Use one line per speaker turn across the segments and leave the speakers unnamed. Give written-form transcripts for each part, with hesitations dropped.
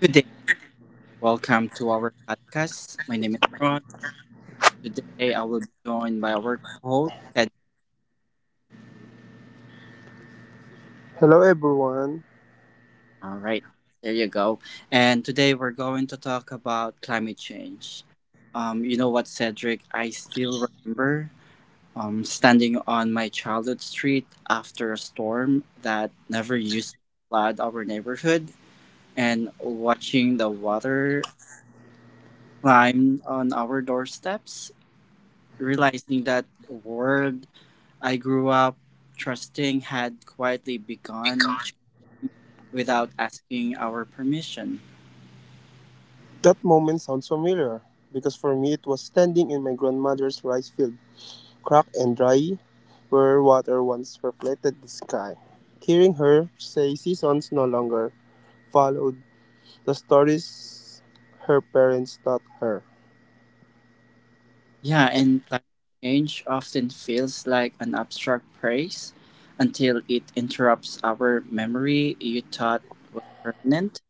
Good day. Welcome to our podcast. My name is Ron. Today I will be joined by our co-host, Ted.
Hello everyone.
All right, there you go. And today we're going to talk about climate change. You know what, Cedric? I still remember standing on my childhood street after a storm that never used to flood our neighborhood and watching the water climb on our doorsteps, realizing that world I grew up trusting had quietly begun without asking our permission.
That moment sounds familiar because for me it was standing in my grandmother's rice field, cracked and dry, where water once reflected the sky. Hearing her say seasons no longer followed the stories her parents taught her.
Yeah, and climate change often feels like an abstract praise until it interrupts our memory you thought was permanent.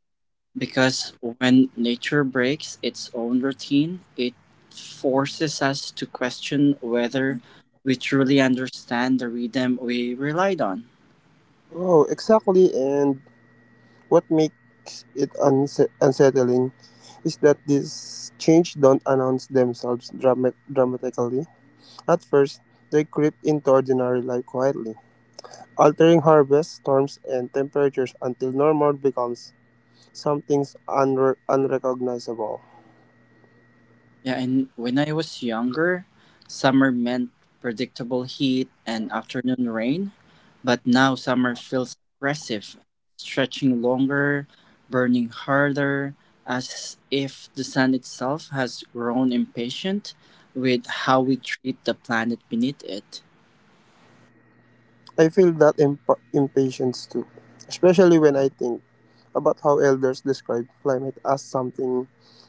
Because when nature breaks its own routine, it forces us to question whether we truly understand the rhythm we relied on.
Oh, exactly. And what makes it unsettling is that these change don't announce themselves dramatically. At first, they creep into ordinary life quietly altering harvest, storms, and temperatures until normal becomes something unrecognizable.
Yeah, and when I was younger, summer meant predictable heat and afternoon rain, but now summer feels aggressive, stretching longer, burning harder, as if the sun itself has grown impatient with how we treat the planet beneath it.
I feel that impatience too, especially when I think about how elders describe climate as something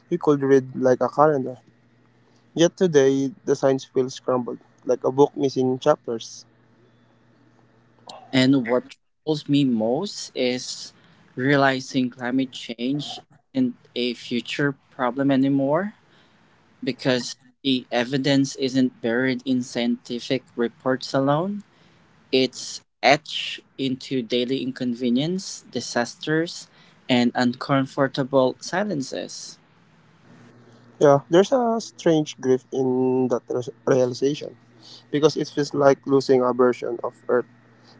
you could read like a calendar. Yet today, the signs feel scrambled, like a book missing chapters.
And what troubles me most is realizing climate change isn't a future problem anymore because the evidence isn't buried in scientific reports alone. It's etched into daily inconvenience, disasters, and uncomfortable silences.
Yeah, there's a strange grief in that realization because it feels like losing a version of Earth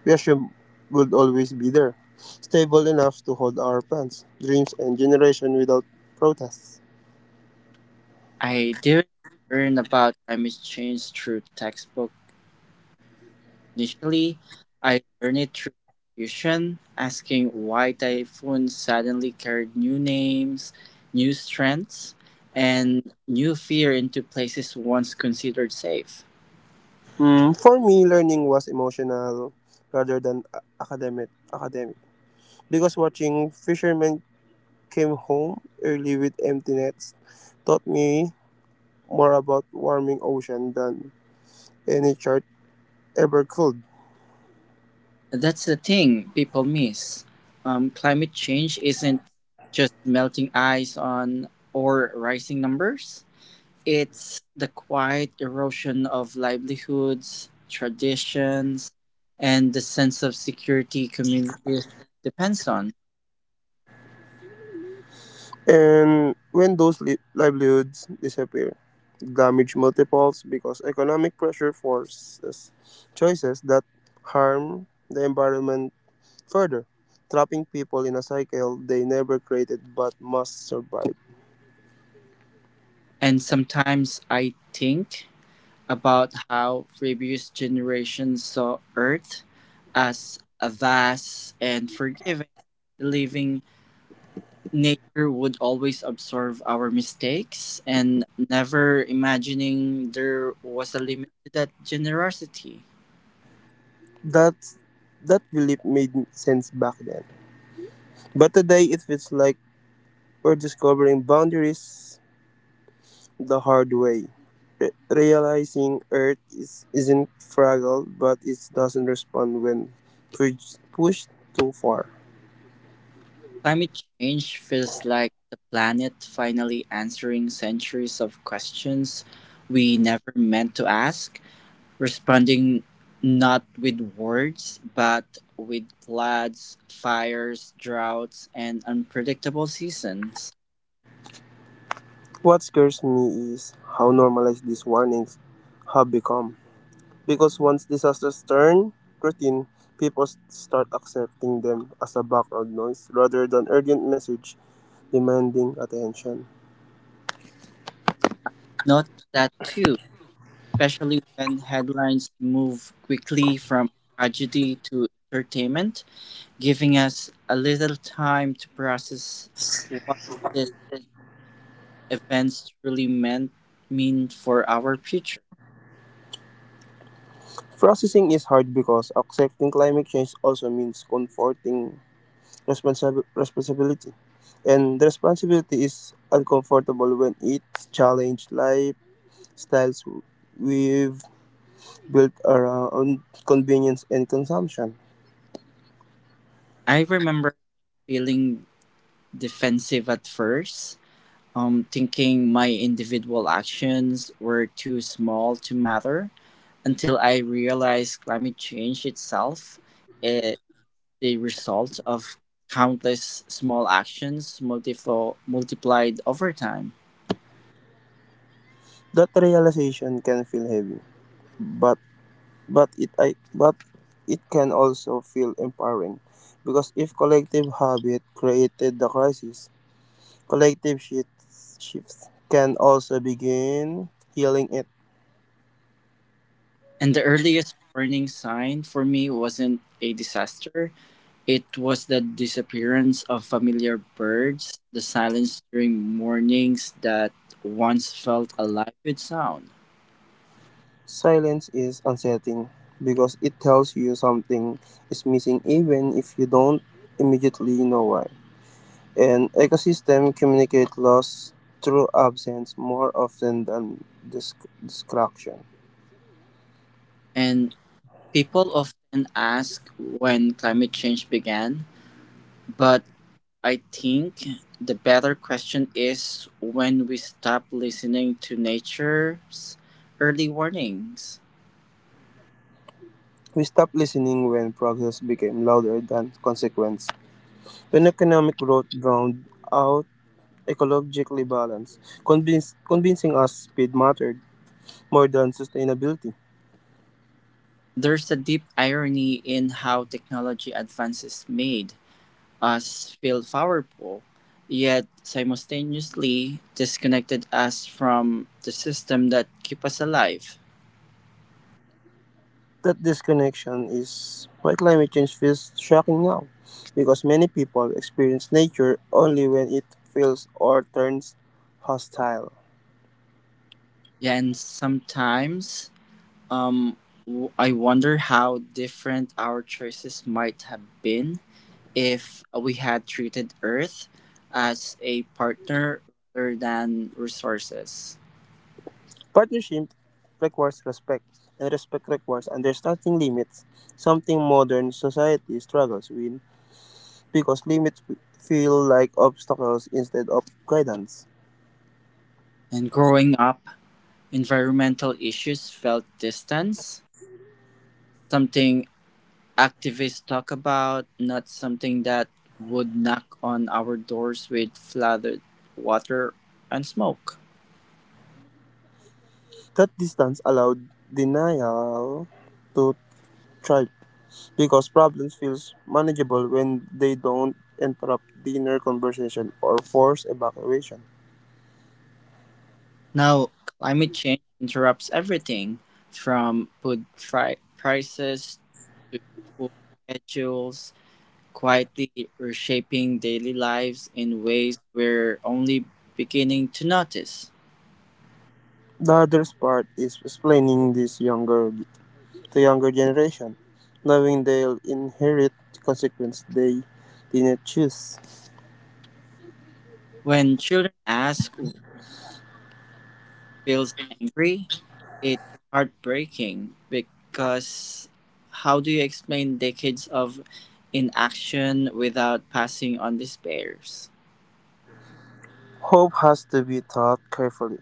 we assume would always be there, stable enough to hold our plans, dreams, and generation without protests.
I didn't learn about climate change through textbook initially. I learned it through confusion, asking why typhoons suddenly carried new names, new strengths, and new fear into places once considered safe.
Mm, for me, learning was emotional rather than academic, because watching fishermen came home early with empty nets taught me more about warming ocean than any chart ever could.
That's the thing people miss. Climate change isn't just melting ice on or rising numbers. It's the quiet erosion of livelihoods, traditions, and the sense of security communities depends on.
And when those livelihoods disappear, damage multiples because economic pressure forces choices that harm the environment further, trapping people in a cycle they never created but must survive.
And sometimes I think about how previous generations saw Earth as a vast and forgiving, leaving nature would always absorb our mistakes and never imagining there was a limit to that generosity.
That that belief made sense back then. But today it feels like we're discovering boundaries the hard way, realizing Earth isn't fragile but it doesn't respond when pu- pushed too far.
Climate change feels like the planet finally answering centuries of questions we never meant to ask, responding not with words but with floods, fires, droughts, and unpredictable seasons.
What scares me is how normalized these warnings have become. Because once disasters turn routine, people start accepting them as a background noise rather than urgent message demanding attention.
Notice that too, especially when headlines move quickly from tragedy to entertainment, giving us a little time to process what these events truly mean for our future.
Processing is hard because accepting climate change also means comforting responsibility. And the responsibility is uncomfortable when it challenges lifestyles we've built around convenience and consumption.
I remember feeling defensive at first, thinking my individual actions were too small to matter until I realized climate change itself the result of countless small actions multiplied over time.
That realization can feel heavy, but but it can also feel empowering, because if collective habit created the crisis, collective shifts can also begin healing it.
And the earliest warning sign for me wasn't a disaster, it was the disappearance of familiar birds, the silence during mornings that once felt alive with sound.
Silence is unsettling because it tells you something is missing even if you don't immediately know why. An ecosystem communicates loss through absence more often than dis- destruction.
And people often ask when climate change began, but I think the better question is when we stop listening to nature's early warnings.
We stopped listening when progress became louder than consequence. When economic growth drowned out ecologically balance, convincing us speed mattered more than sustainability.
There's a deep irony in how technology advances made us feel powerful, yet simultaneously disconnected us from the system that keep us alive.
That disconnection is why climate change feels shocking now, because many people experience nature only when it feels or turns hostile.
Yeah, and sometimes um, I wonder how different our choices might have been if we had treated Earth as a partner rather than resources.
Partnership requires respect, and respect requires understanding limits, something modern society struggles with because limits feel like obstacles instead of guidance.
And growing up, environmental issues felt distance, something activists talk about, not something that would knock on our doors with flooded water and smoke.
That distance allowed denial to child because problems feels manageable when they don't interrupt dinner conversation or force evacuation.
Now, climate change interrupts everything from food prices to school schedules, quietly reshaping daily lives in ways we're only beginning to notice.
The hardest part is explaining this younger to younger generation, knowing they'll inherit consequence they didn't choose.
When children ask what feels angry, it's heartbreaking because how do you explain decades of inaction without passing on despairs?
Hope has to be taught carefully,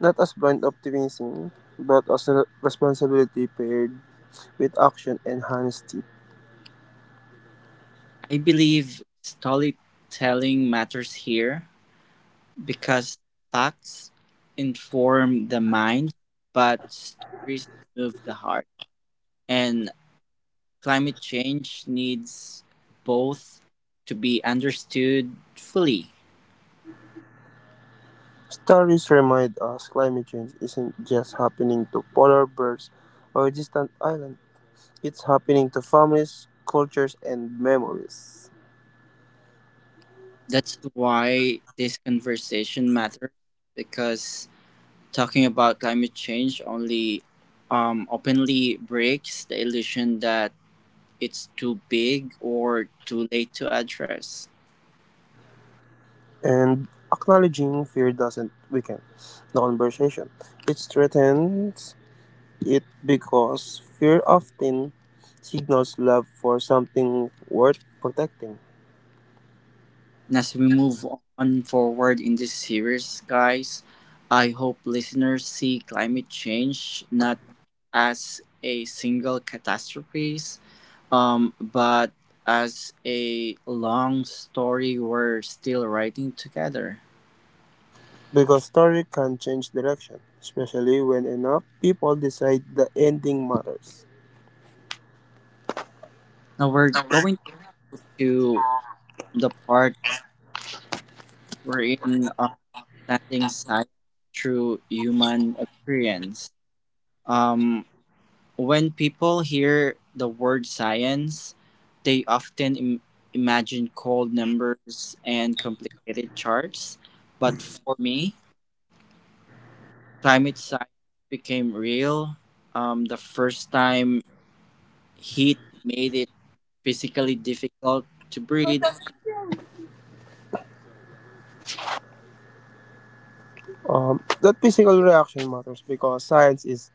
not as blind optimism, but as a responsibility paired with action and honesty.
I believe storytelling matters here because facts inform the mind, but stories move the heart. And climate change needs both to be understood fully.
Stories remind us climate change isn't just happening to polar bears or distant islands, it's happening to families, cultures, and memories.
That's why this conversation matters, because talking about climate change only openly breaks the illusion that it's too big or too late to address.
And acknowledging fear doesn't weaken the conversation, it strengthens it because fear often signals love for something worth protecting.
And as we move on forward in this series, guys, I hope listeners see climate change not as a single catastrophe, but as a long story, we're still writing together.
Because story can change direction, especially when enough people decide the ending matters.
Now we're going to the part wherein understanding science through human experience. Um, when people hear the word science, they often imagine cold numbers and complicated charts. But for me, climate science became real the first time heat made it physically difficult to breathe,
That physical reaction matters because science is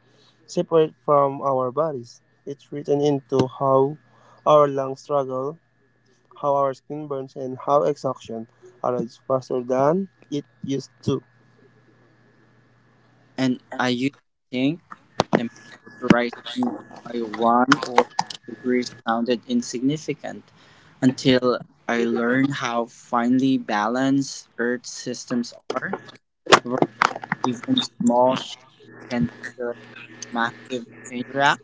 separate from our bodies. It's written into how our lungs struggle, how our skin burns, and how exhaustion arrives faster than it used to.
and I used to think temperature rising by 1 or 2 degrees sounded insignificant until I learned how finely balanced Earth systems are, where even small shifts can trigger massive chain reaction.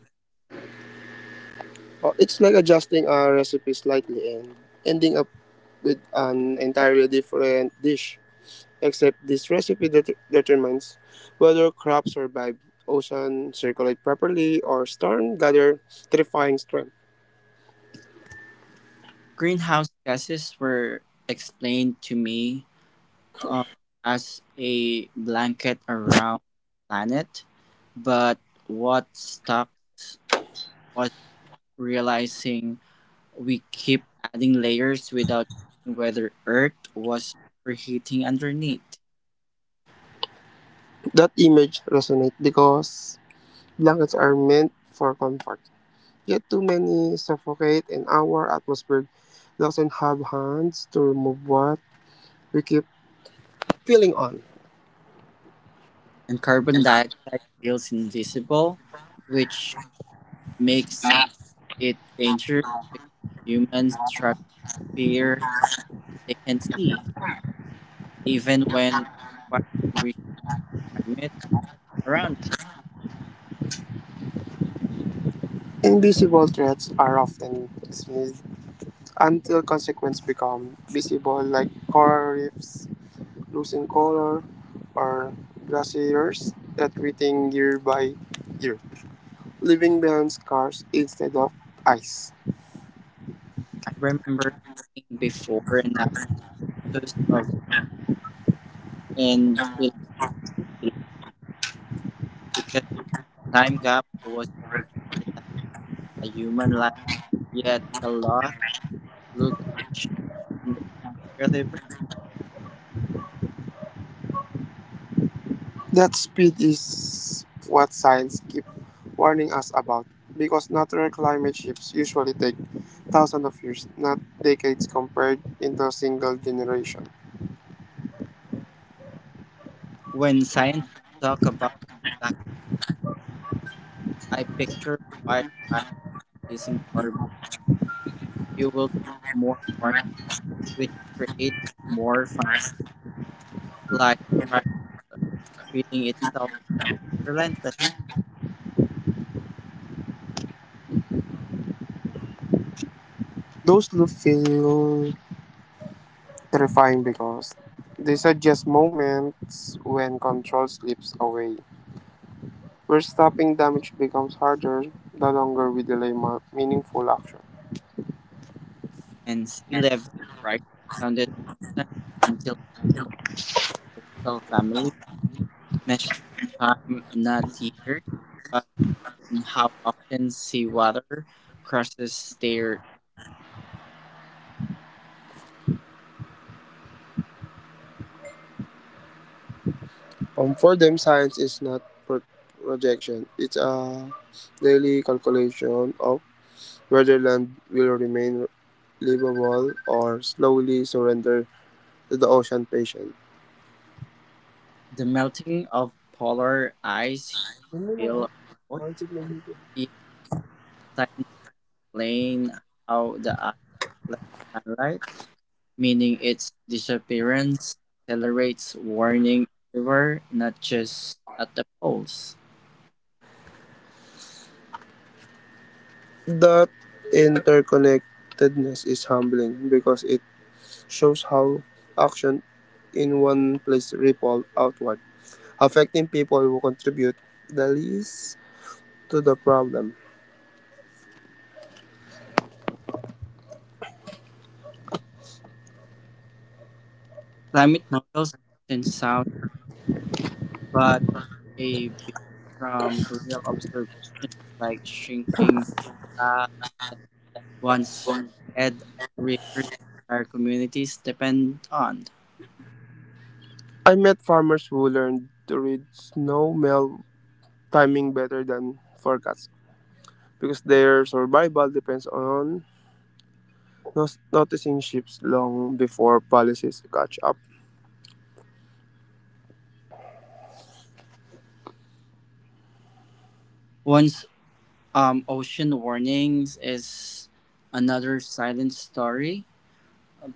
It's like adjusting a recipe slightly and ending up with an entirely different dish. Except this recipe determines whether crops survive, ocean circulate properly, or storm gather terrifying strength.
Greenhouse gases were explained to me um, as a blanket around the planet. But what stuck was realizing we keep adding layers without checking whether Earth was overheating underneath.
That image resonates because blankets are meant for comfort. Yet too many suffocate and our atmosphere doesn't have hands to remove what we keep feeling on.
And carbon dioxide feels invisible, which makes it dangerous because humans struggle fear they can see, even when quietly reach climate around.
Invisible threats are often dismissed until consequences become visible like coral reefs losing color or glaciers retreating year by year, leaving behind scars instead of ice.
I remember seeing before and after photos of and feeling relief because time gap was shorter than a human life, yet the loss looked ancient and irreversible.
That speed is what science keep warning us about because natural climate shifts usually take thousands of years, not decades compared into a single generation.
When scientists talk about black, I picture wildfire releasing carbon fuels more warming, which creates more fire, like spiral feeding itself relentless,
Those loops feel terrifying because they suggest moments when control slips away, where stopping damage becomes harder the longer we delay meaningful action.
and sea level rise sounded distant until a coastal family measuring time, not years. And how often seawater crosses their
For them, science is not pro- projection; it's a daily calculation of whether land will remain livable or slowly surrender to the ocean patient.
the melting of polar ice will remote
That
yet science explain how the ice reflects sunlight, meaning its disappearance accelerates warning everywhere, not just at the poles.
interconnectedness is humbling because it shows how action in one place ripple outward, affecting people who contribute the least to the problem.
Climate models often sound but they build from real observations like shrinking stocks, one's head, rivers, entire communities depend on.
I met farmers who learned to read snow melt timing better than forecasts because their survival depends on noticing ships long before policies catch up.
One's ocean warnings is another silent story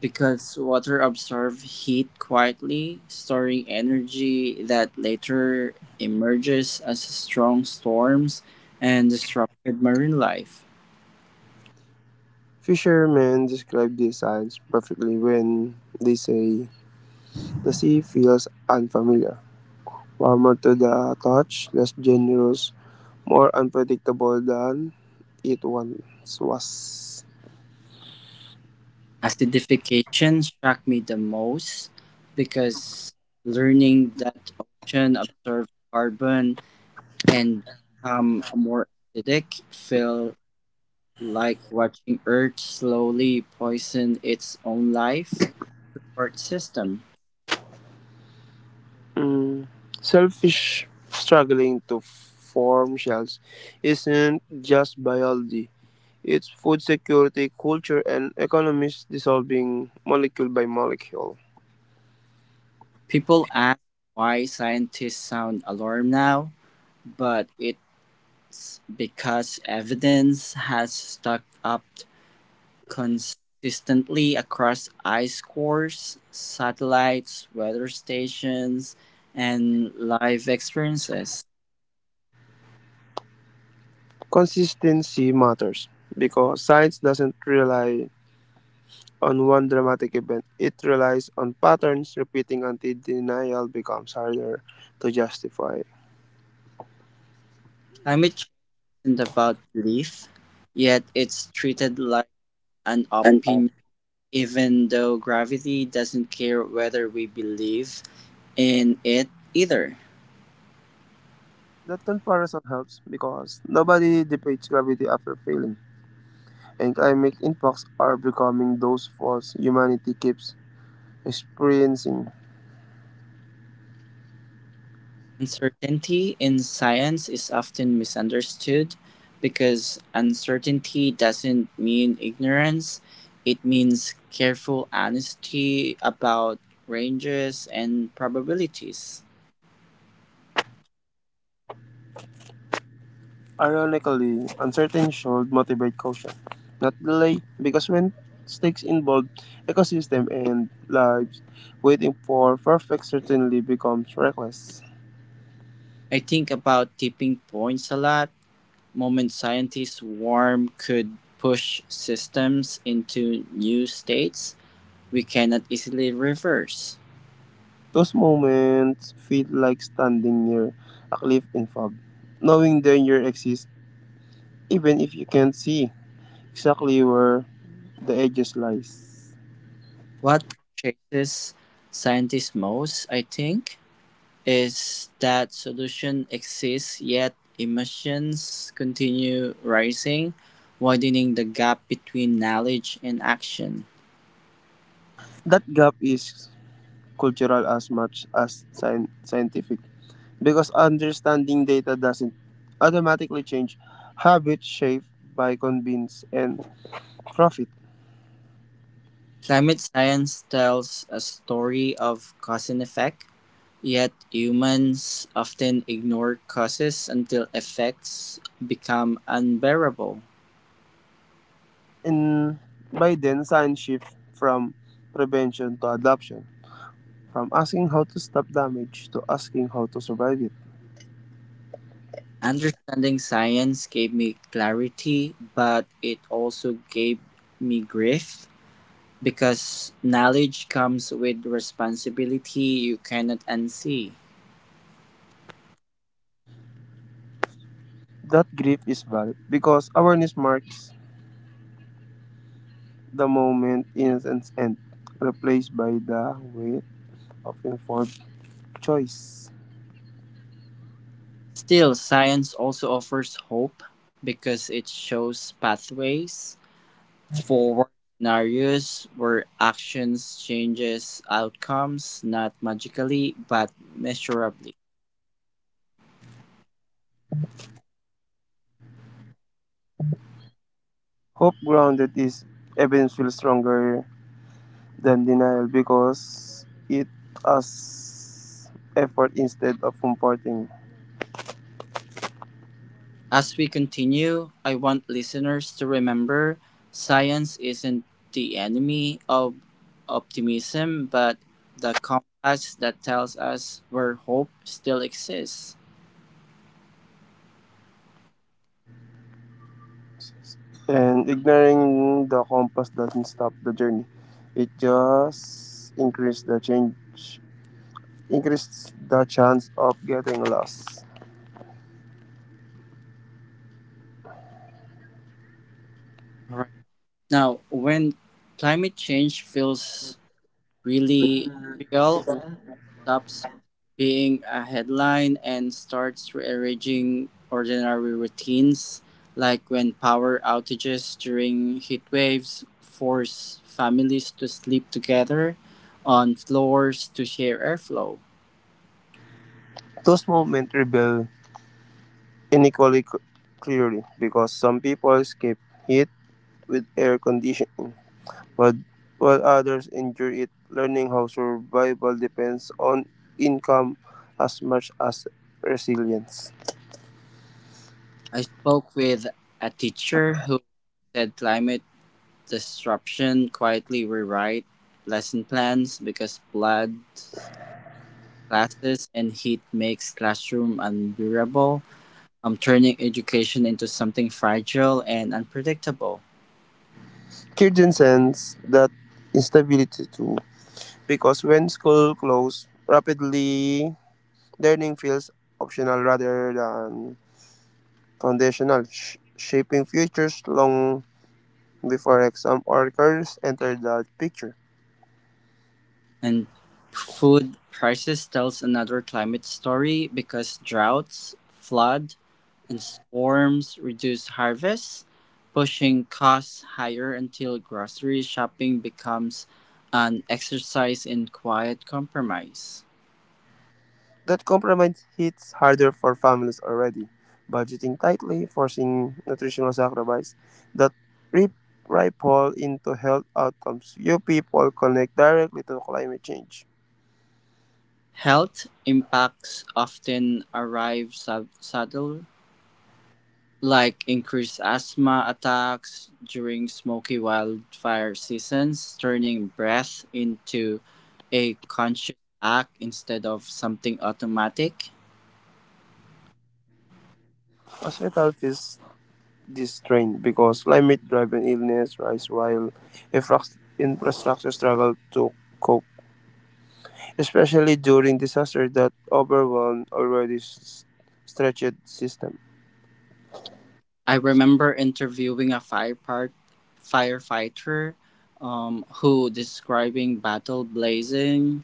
because water absorbs heat quietly, storing energy that later emerges as strong storms and disrupted marine life.
Fishermen describe these signs perfectly when they say the sea feels unfamiliar, warmer to the touch, less generous, more unpredictable than it once was.
Acidification shocked me the most because learning that ocean absorbs carbon and become more acidic, feel like watching Earth slowly poison its own life support system.
Mm, selfish struggling to form shells isn't just biology. It's food security, culture, and economies dissolving molecule by molecule.
People ask why scientists sound alarmed now, but it's because evidence has stuck up consistently across ice cores, satellites, weather stations, and live experiences.
Consistency matters because science doesn't rely on one dramatic event, it relies on patterns repeating until denial becomes harder to justify.
Climate isn't about belief, yet it's treated like an opinion, even though gravity doesn't care whether we believe in it either.
That comparison helps because nobody debates gravity after failing, and climate impacts are becoming those faults humanity keeps experiencing.
Uncertainty in science is often misunderstood because uncertainty doesn't mean ignorance, it means careful honesty about ranges and probabilities.
Ironically, uncertainty should motivate caution, not delay, because when stakes involve ecosystem and lives, waiting for perfect certainty becomes reckless.
I think about tipping points a lot moment scientists warm could push systems into new states we cannot easily reverse.
Those moments feel like standing near a cliff in fog, knowing danger exists even if you can't see exactly where the edges lies.
What purchases scientists most, I think, is that solution exists yet emissions continue rising, widening the gap between knowledge and action.
That gap is cultural as much as scientific because understanding data doesn't automatically change habits shaped by convenience and profit.
Climate science tells a story of cause and effect. Yet humans often ignore causes until effects become unbearable.
And by then, science shift from prevention to adoption, from asking how to stop damage to asking how to survive it.
Understanding science gave me clarity, but it also gave me grief because knowledge comes with responsibility you cannot unsee.
That grief is valid because awareness marks the moment innocence end, replaced by the weight of informed choice.
Still, science also offers hope because it shows pathways forward scenarios were actions changes outcomes not magically but measurably.
Hope grounded is evidence feels stronger than denial because it as effort instead of comforting.
As we continue, I want listeners to remember science isn't the enemy of optimism but the compass that tells us where hope still exists.
And ignoring the compass doesn't stop the journey. It just increases the chance of getting lost.
Right. Now, when climate change feels really real, stops being a headline and starts rearranging ordinary routines, like when power outages during heat waves force families to sleep together on floors to share airflow.
Those moments reveal inequality clearly because some people escape heat with air conditioning but while others enjoy it, learning how survival depends on income as much as resilience.
I spoke with a teacher who said climate disruption quietly rewrite lesson plans because flood classes and heat makes classroom unbearable, turning education into something fragile and unpredictable.
Kirsten sends that instability too, because when school closes rapidly, learning feels optional rather than foundational, shaping futures long before exam or careers enter the picture.
And food crisis tells another climate story because droughts, flood, and storms reduce harvests, pushing costs higher until grocery shopping becomes an exercise in quiet compromise.
That compromise hits harder for families already budgeting tightly, forcing nutritional sacrifice that rip- ripple into health outcomes. Few people connect directly to climate change.
Health impacts often arrive subtly like increased asthma attacks during smoky wildfire seasons, turning breath into a conscious act instead of something automatic.
Hospital feels this strain because climate-driven illness rise while infra- infrastructure struggle to cope, especially during disasters that overwhelm already stretched system.
I remember interviewing a firefighter who describing battle blazing,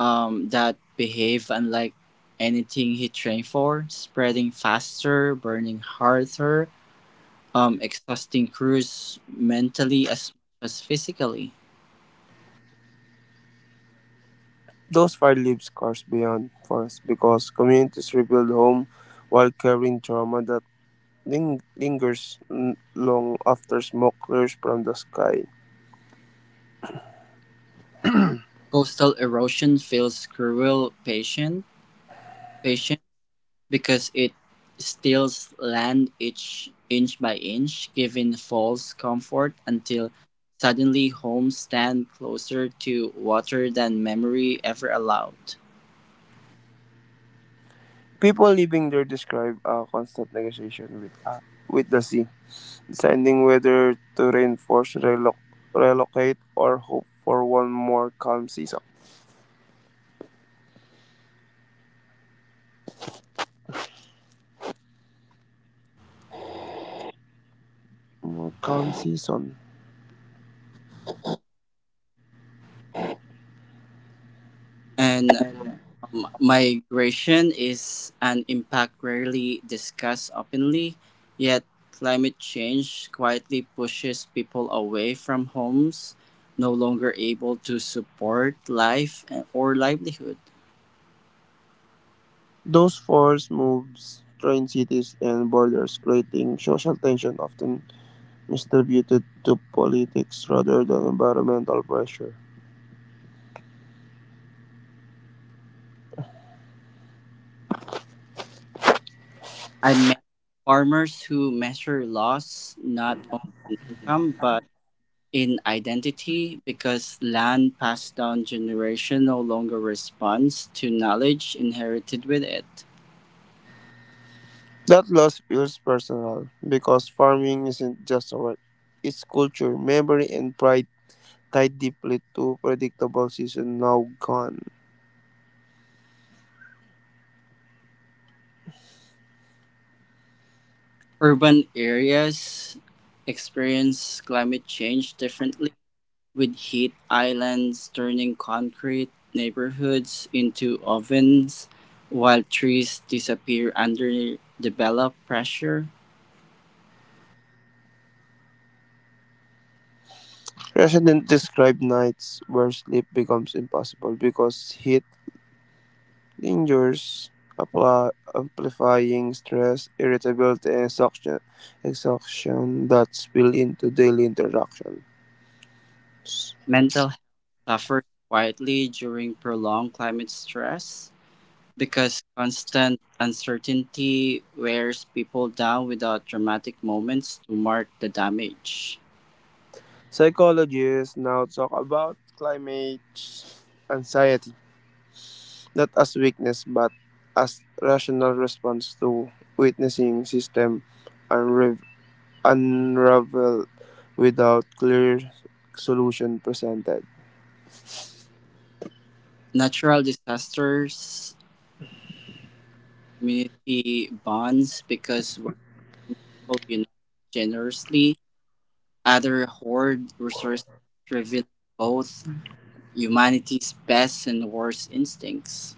that behave unlike anything he trained for, spreading faster, burning harder, exhausting crews mentally as much as physically.
Those fights leave scars beyond forest because communities rebuild home while carrying trauma that lingers long after smoke clears from the sky.
Coastal erosion feels cruel patient, patient because it steals land each inch by inch, giving false comfort until suddenly homes stand closer to water than memory ever allowed.
People living there describe a constant negotiation with the sea, deciding whether to reinforce, relocate, or hope for one more calm season. More calm season.
And Migration is an impact rarely discussed openly, yet climate change quietly pushes people away from homes, no longer able to support life or livelihood.
Those force moves, train cities, and borders, creating social tension often misattributed to politics rather than environmental pressure.
I met farmers who measure loss not on income but in identity because land passed down generation no longer responds to knowledge inherited with it.
That loss feels personal because farming isn't just a work, it's culture, memory, and pride tied deeply to predictable season now gone.
Urban areas experience climate change differently, with heat islands turning concrete neighborhoods into ovens, while trees disappear under developed pressure.
Residents describe nights where sleep becomes impossible because heat lingers, amplifying stress, irritability, and exhaustion, exhaustion that spill into daily interaction.
Mental health suffers quietly during prolonged climate stress because constant uncertainty wears people down without dramatic moments to mark the damage.
Psychologists now talk about climate anxiety not as weakness but as rational response to witnessing system unrav- unravel without clear solution presented.
Natural disasters community bonds because one people unite generously, other hoard resources, revealing both humanity's best and worst instincts.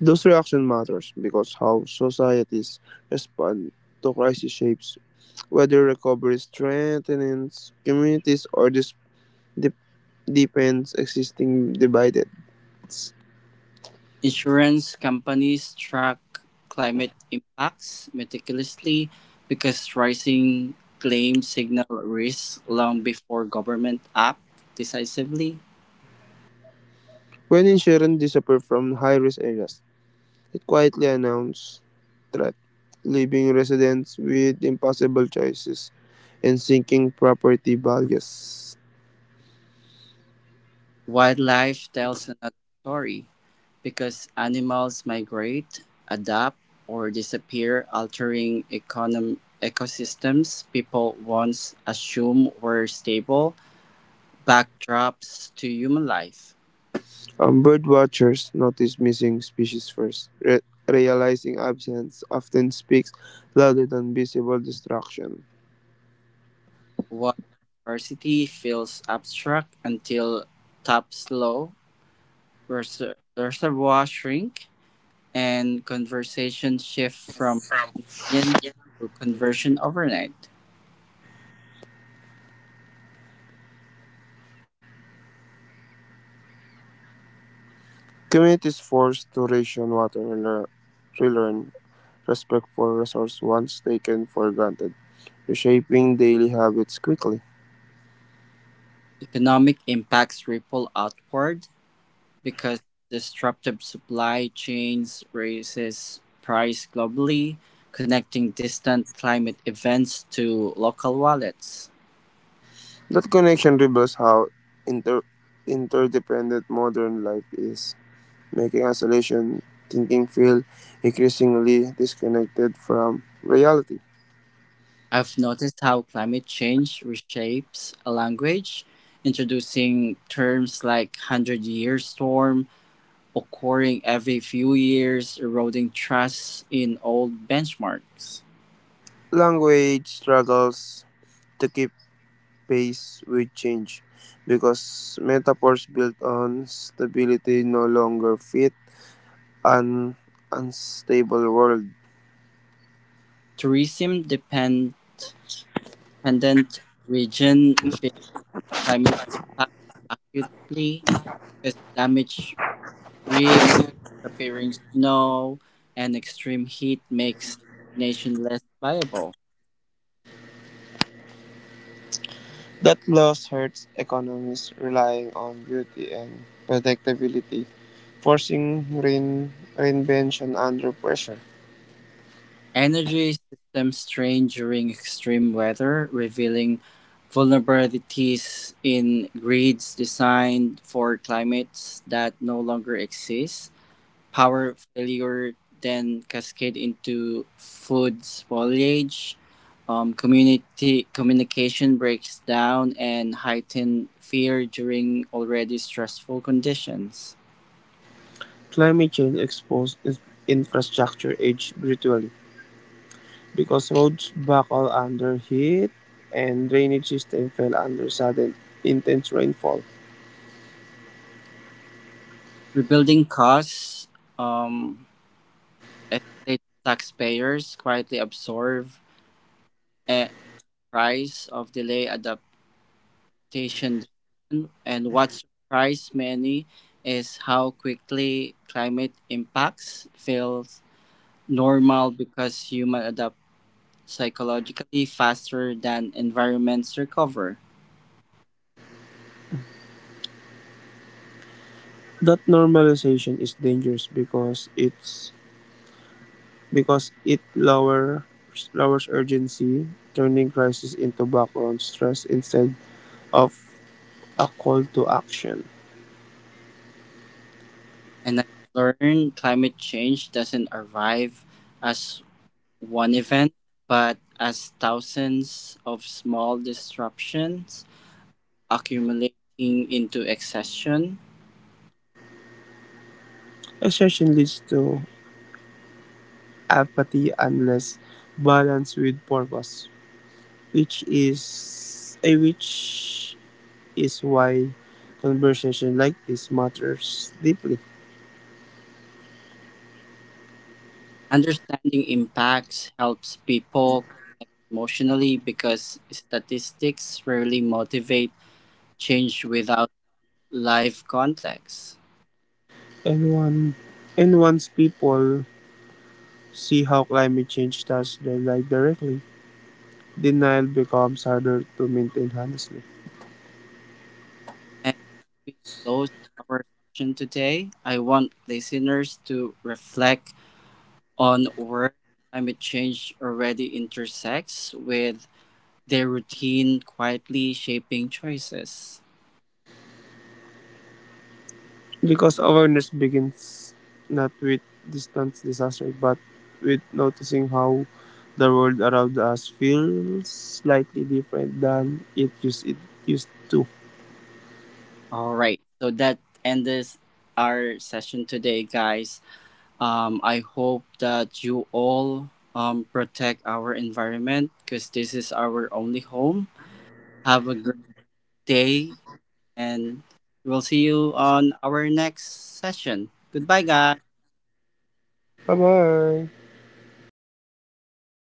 Those reaction matters because how societies respond to crisis shapes whether recovery strengthens communities or dep- deepens existing divides.
Insurance companies track climate impacts meticulously because rising claims signal risks long before government act decisively.
When insurance disappeared from high-risk areas, it quietly announced threat, leaving residents with impossible choices and sinking property values.
Wildlife tells another story, because animals migrate, adapt, or disappear altering econom ecosystems people once assumed were stable backdrops to human life.
Bird watchers notice missing species first, realizing absence often speaks louder than visible destruction.
Water scarcity feels abstract until taps low, reservoirs shrink, and conversations shift from opinions to conversion overnight.
Communities forced to ration water and relearn respect for resource once taken for granted, reshaping daily habits quickly.
Economic impacts ripple outward because disruptive supply chains raises price globally, connecting distant climate events to local wallets.
That connection reveals how inter- interdependent modern life is, making isolation thinking feel increasingly disconnected from reality.
I've noticed how climate change reshapes a language, introducing terms like 100-year storm occurring every few years, eroding trust in old benchmarks.
Language struggles to keep pace with change because metaphors built on stability no longer fit an unstable world.
Tourism dependent region feel climate impact acutely, because damaged reefs, appearing snow, and extreme heat makes nation less viable.
That loss hurts economies relying on beauty and predictability, forcing reinvention under pressure.
Energy systems strain during extreme weather, revealing vulnerabilities in grids designed for climates that no longer exist. Power failure then cascade into food spoilage, community communication breaks down, and heightened fear during already stressful conditions.
Climate change exposed infrastructure age brutally because roads buckle under heat and drainage system fell under sudden intense rainfall.
Rebuilding costs, um, estate taxpayers quietly absorb a price of delay adaptation decision, and what surprised many is how quickly climate impacts feel normal because humans adapt psychologically faster than environments recover.
That normalization is dangerous because it lowers urgency, turning crisis into background stress instead of a call to action.
And I've learned climate change doesn't arrive as one event, but as thousands of small disruptions accumulating into exhaustion.
Exhaustion leads to apathy unless balanced with purpose, which is why conversation like this matters deeply.
Understanding impacts helps people connect emotionally because statistics rarely motivate change without life context.
And one and once people see how climate change touches their life directly, denial becomes harder to maintain honestly.
We close our session today, I want listeners to reflect on where climate change already intersects with their routine, quietly shaping choices.
Because awareness begins not with distant disaster, but with noticing how the world around us feels slightly different than it used to.
All right, so that ends our session today, guys. I hope that you all protect our environment because this is our only home. Have a great day and we'll see you on our next session. Goodbye, guys.
Bye bye.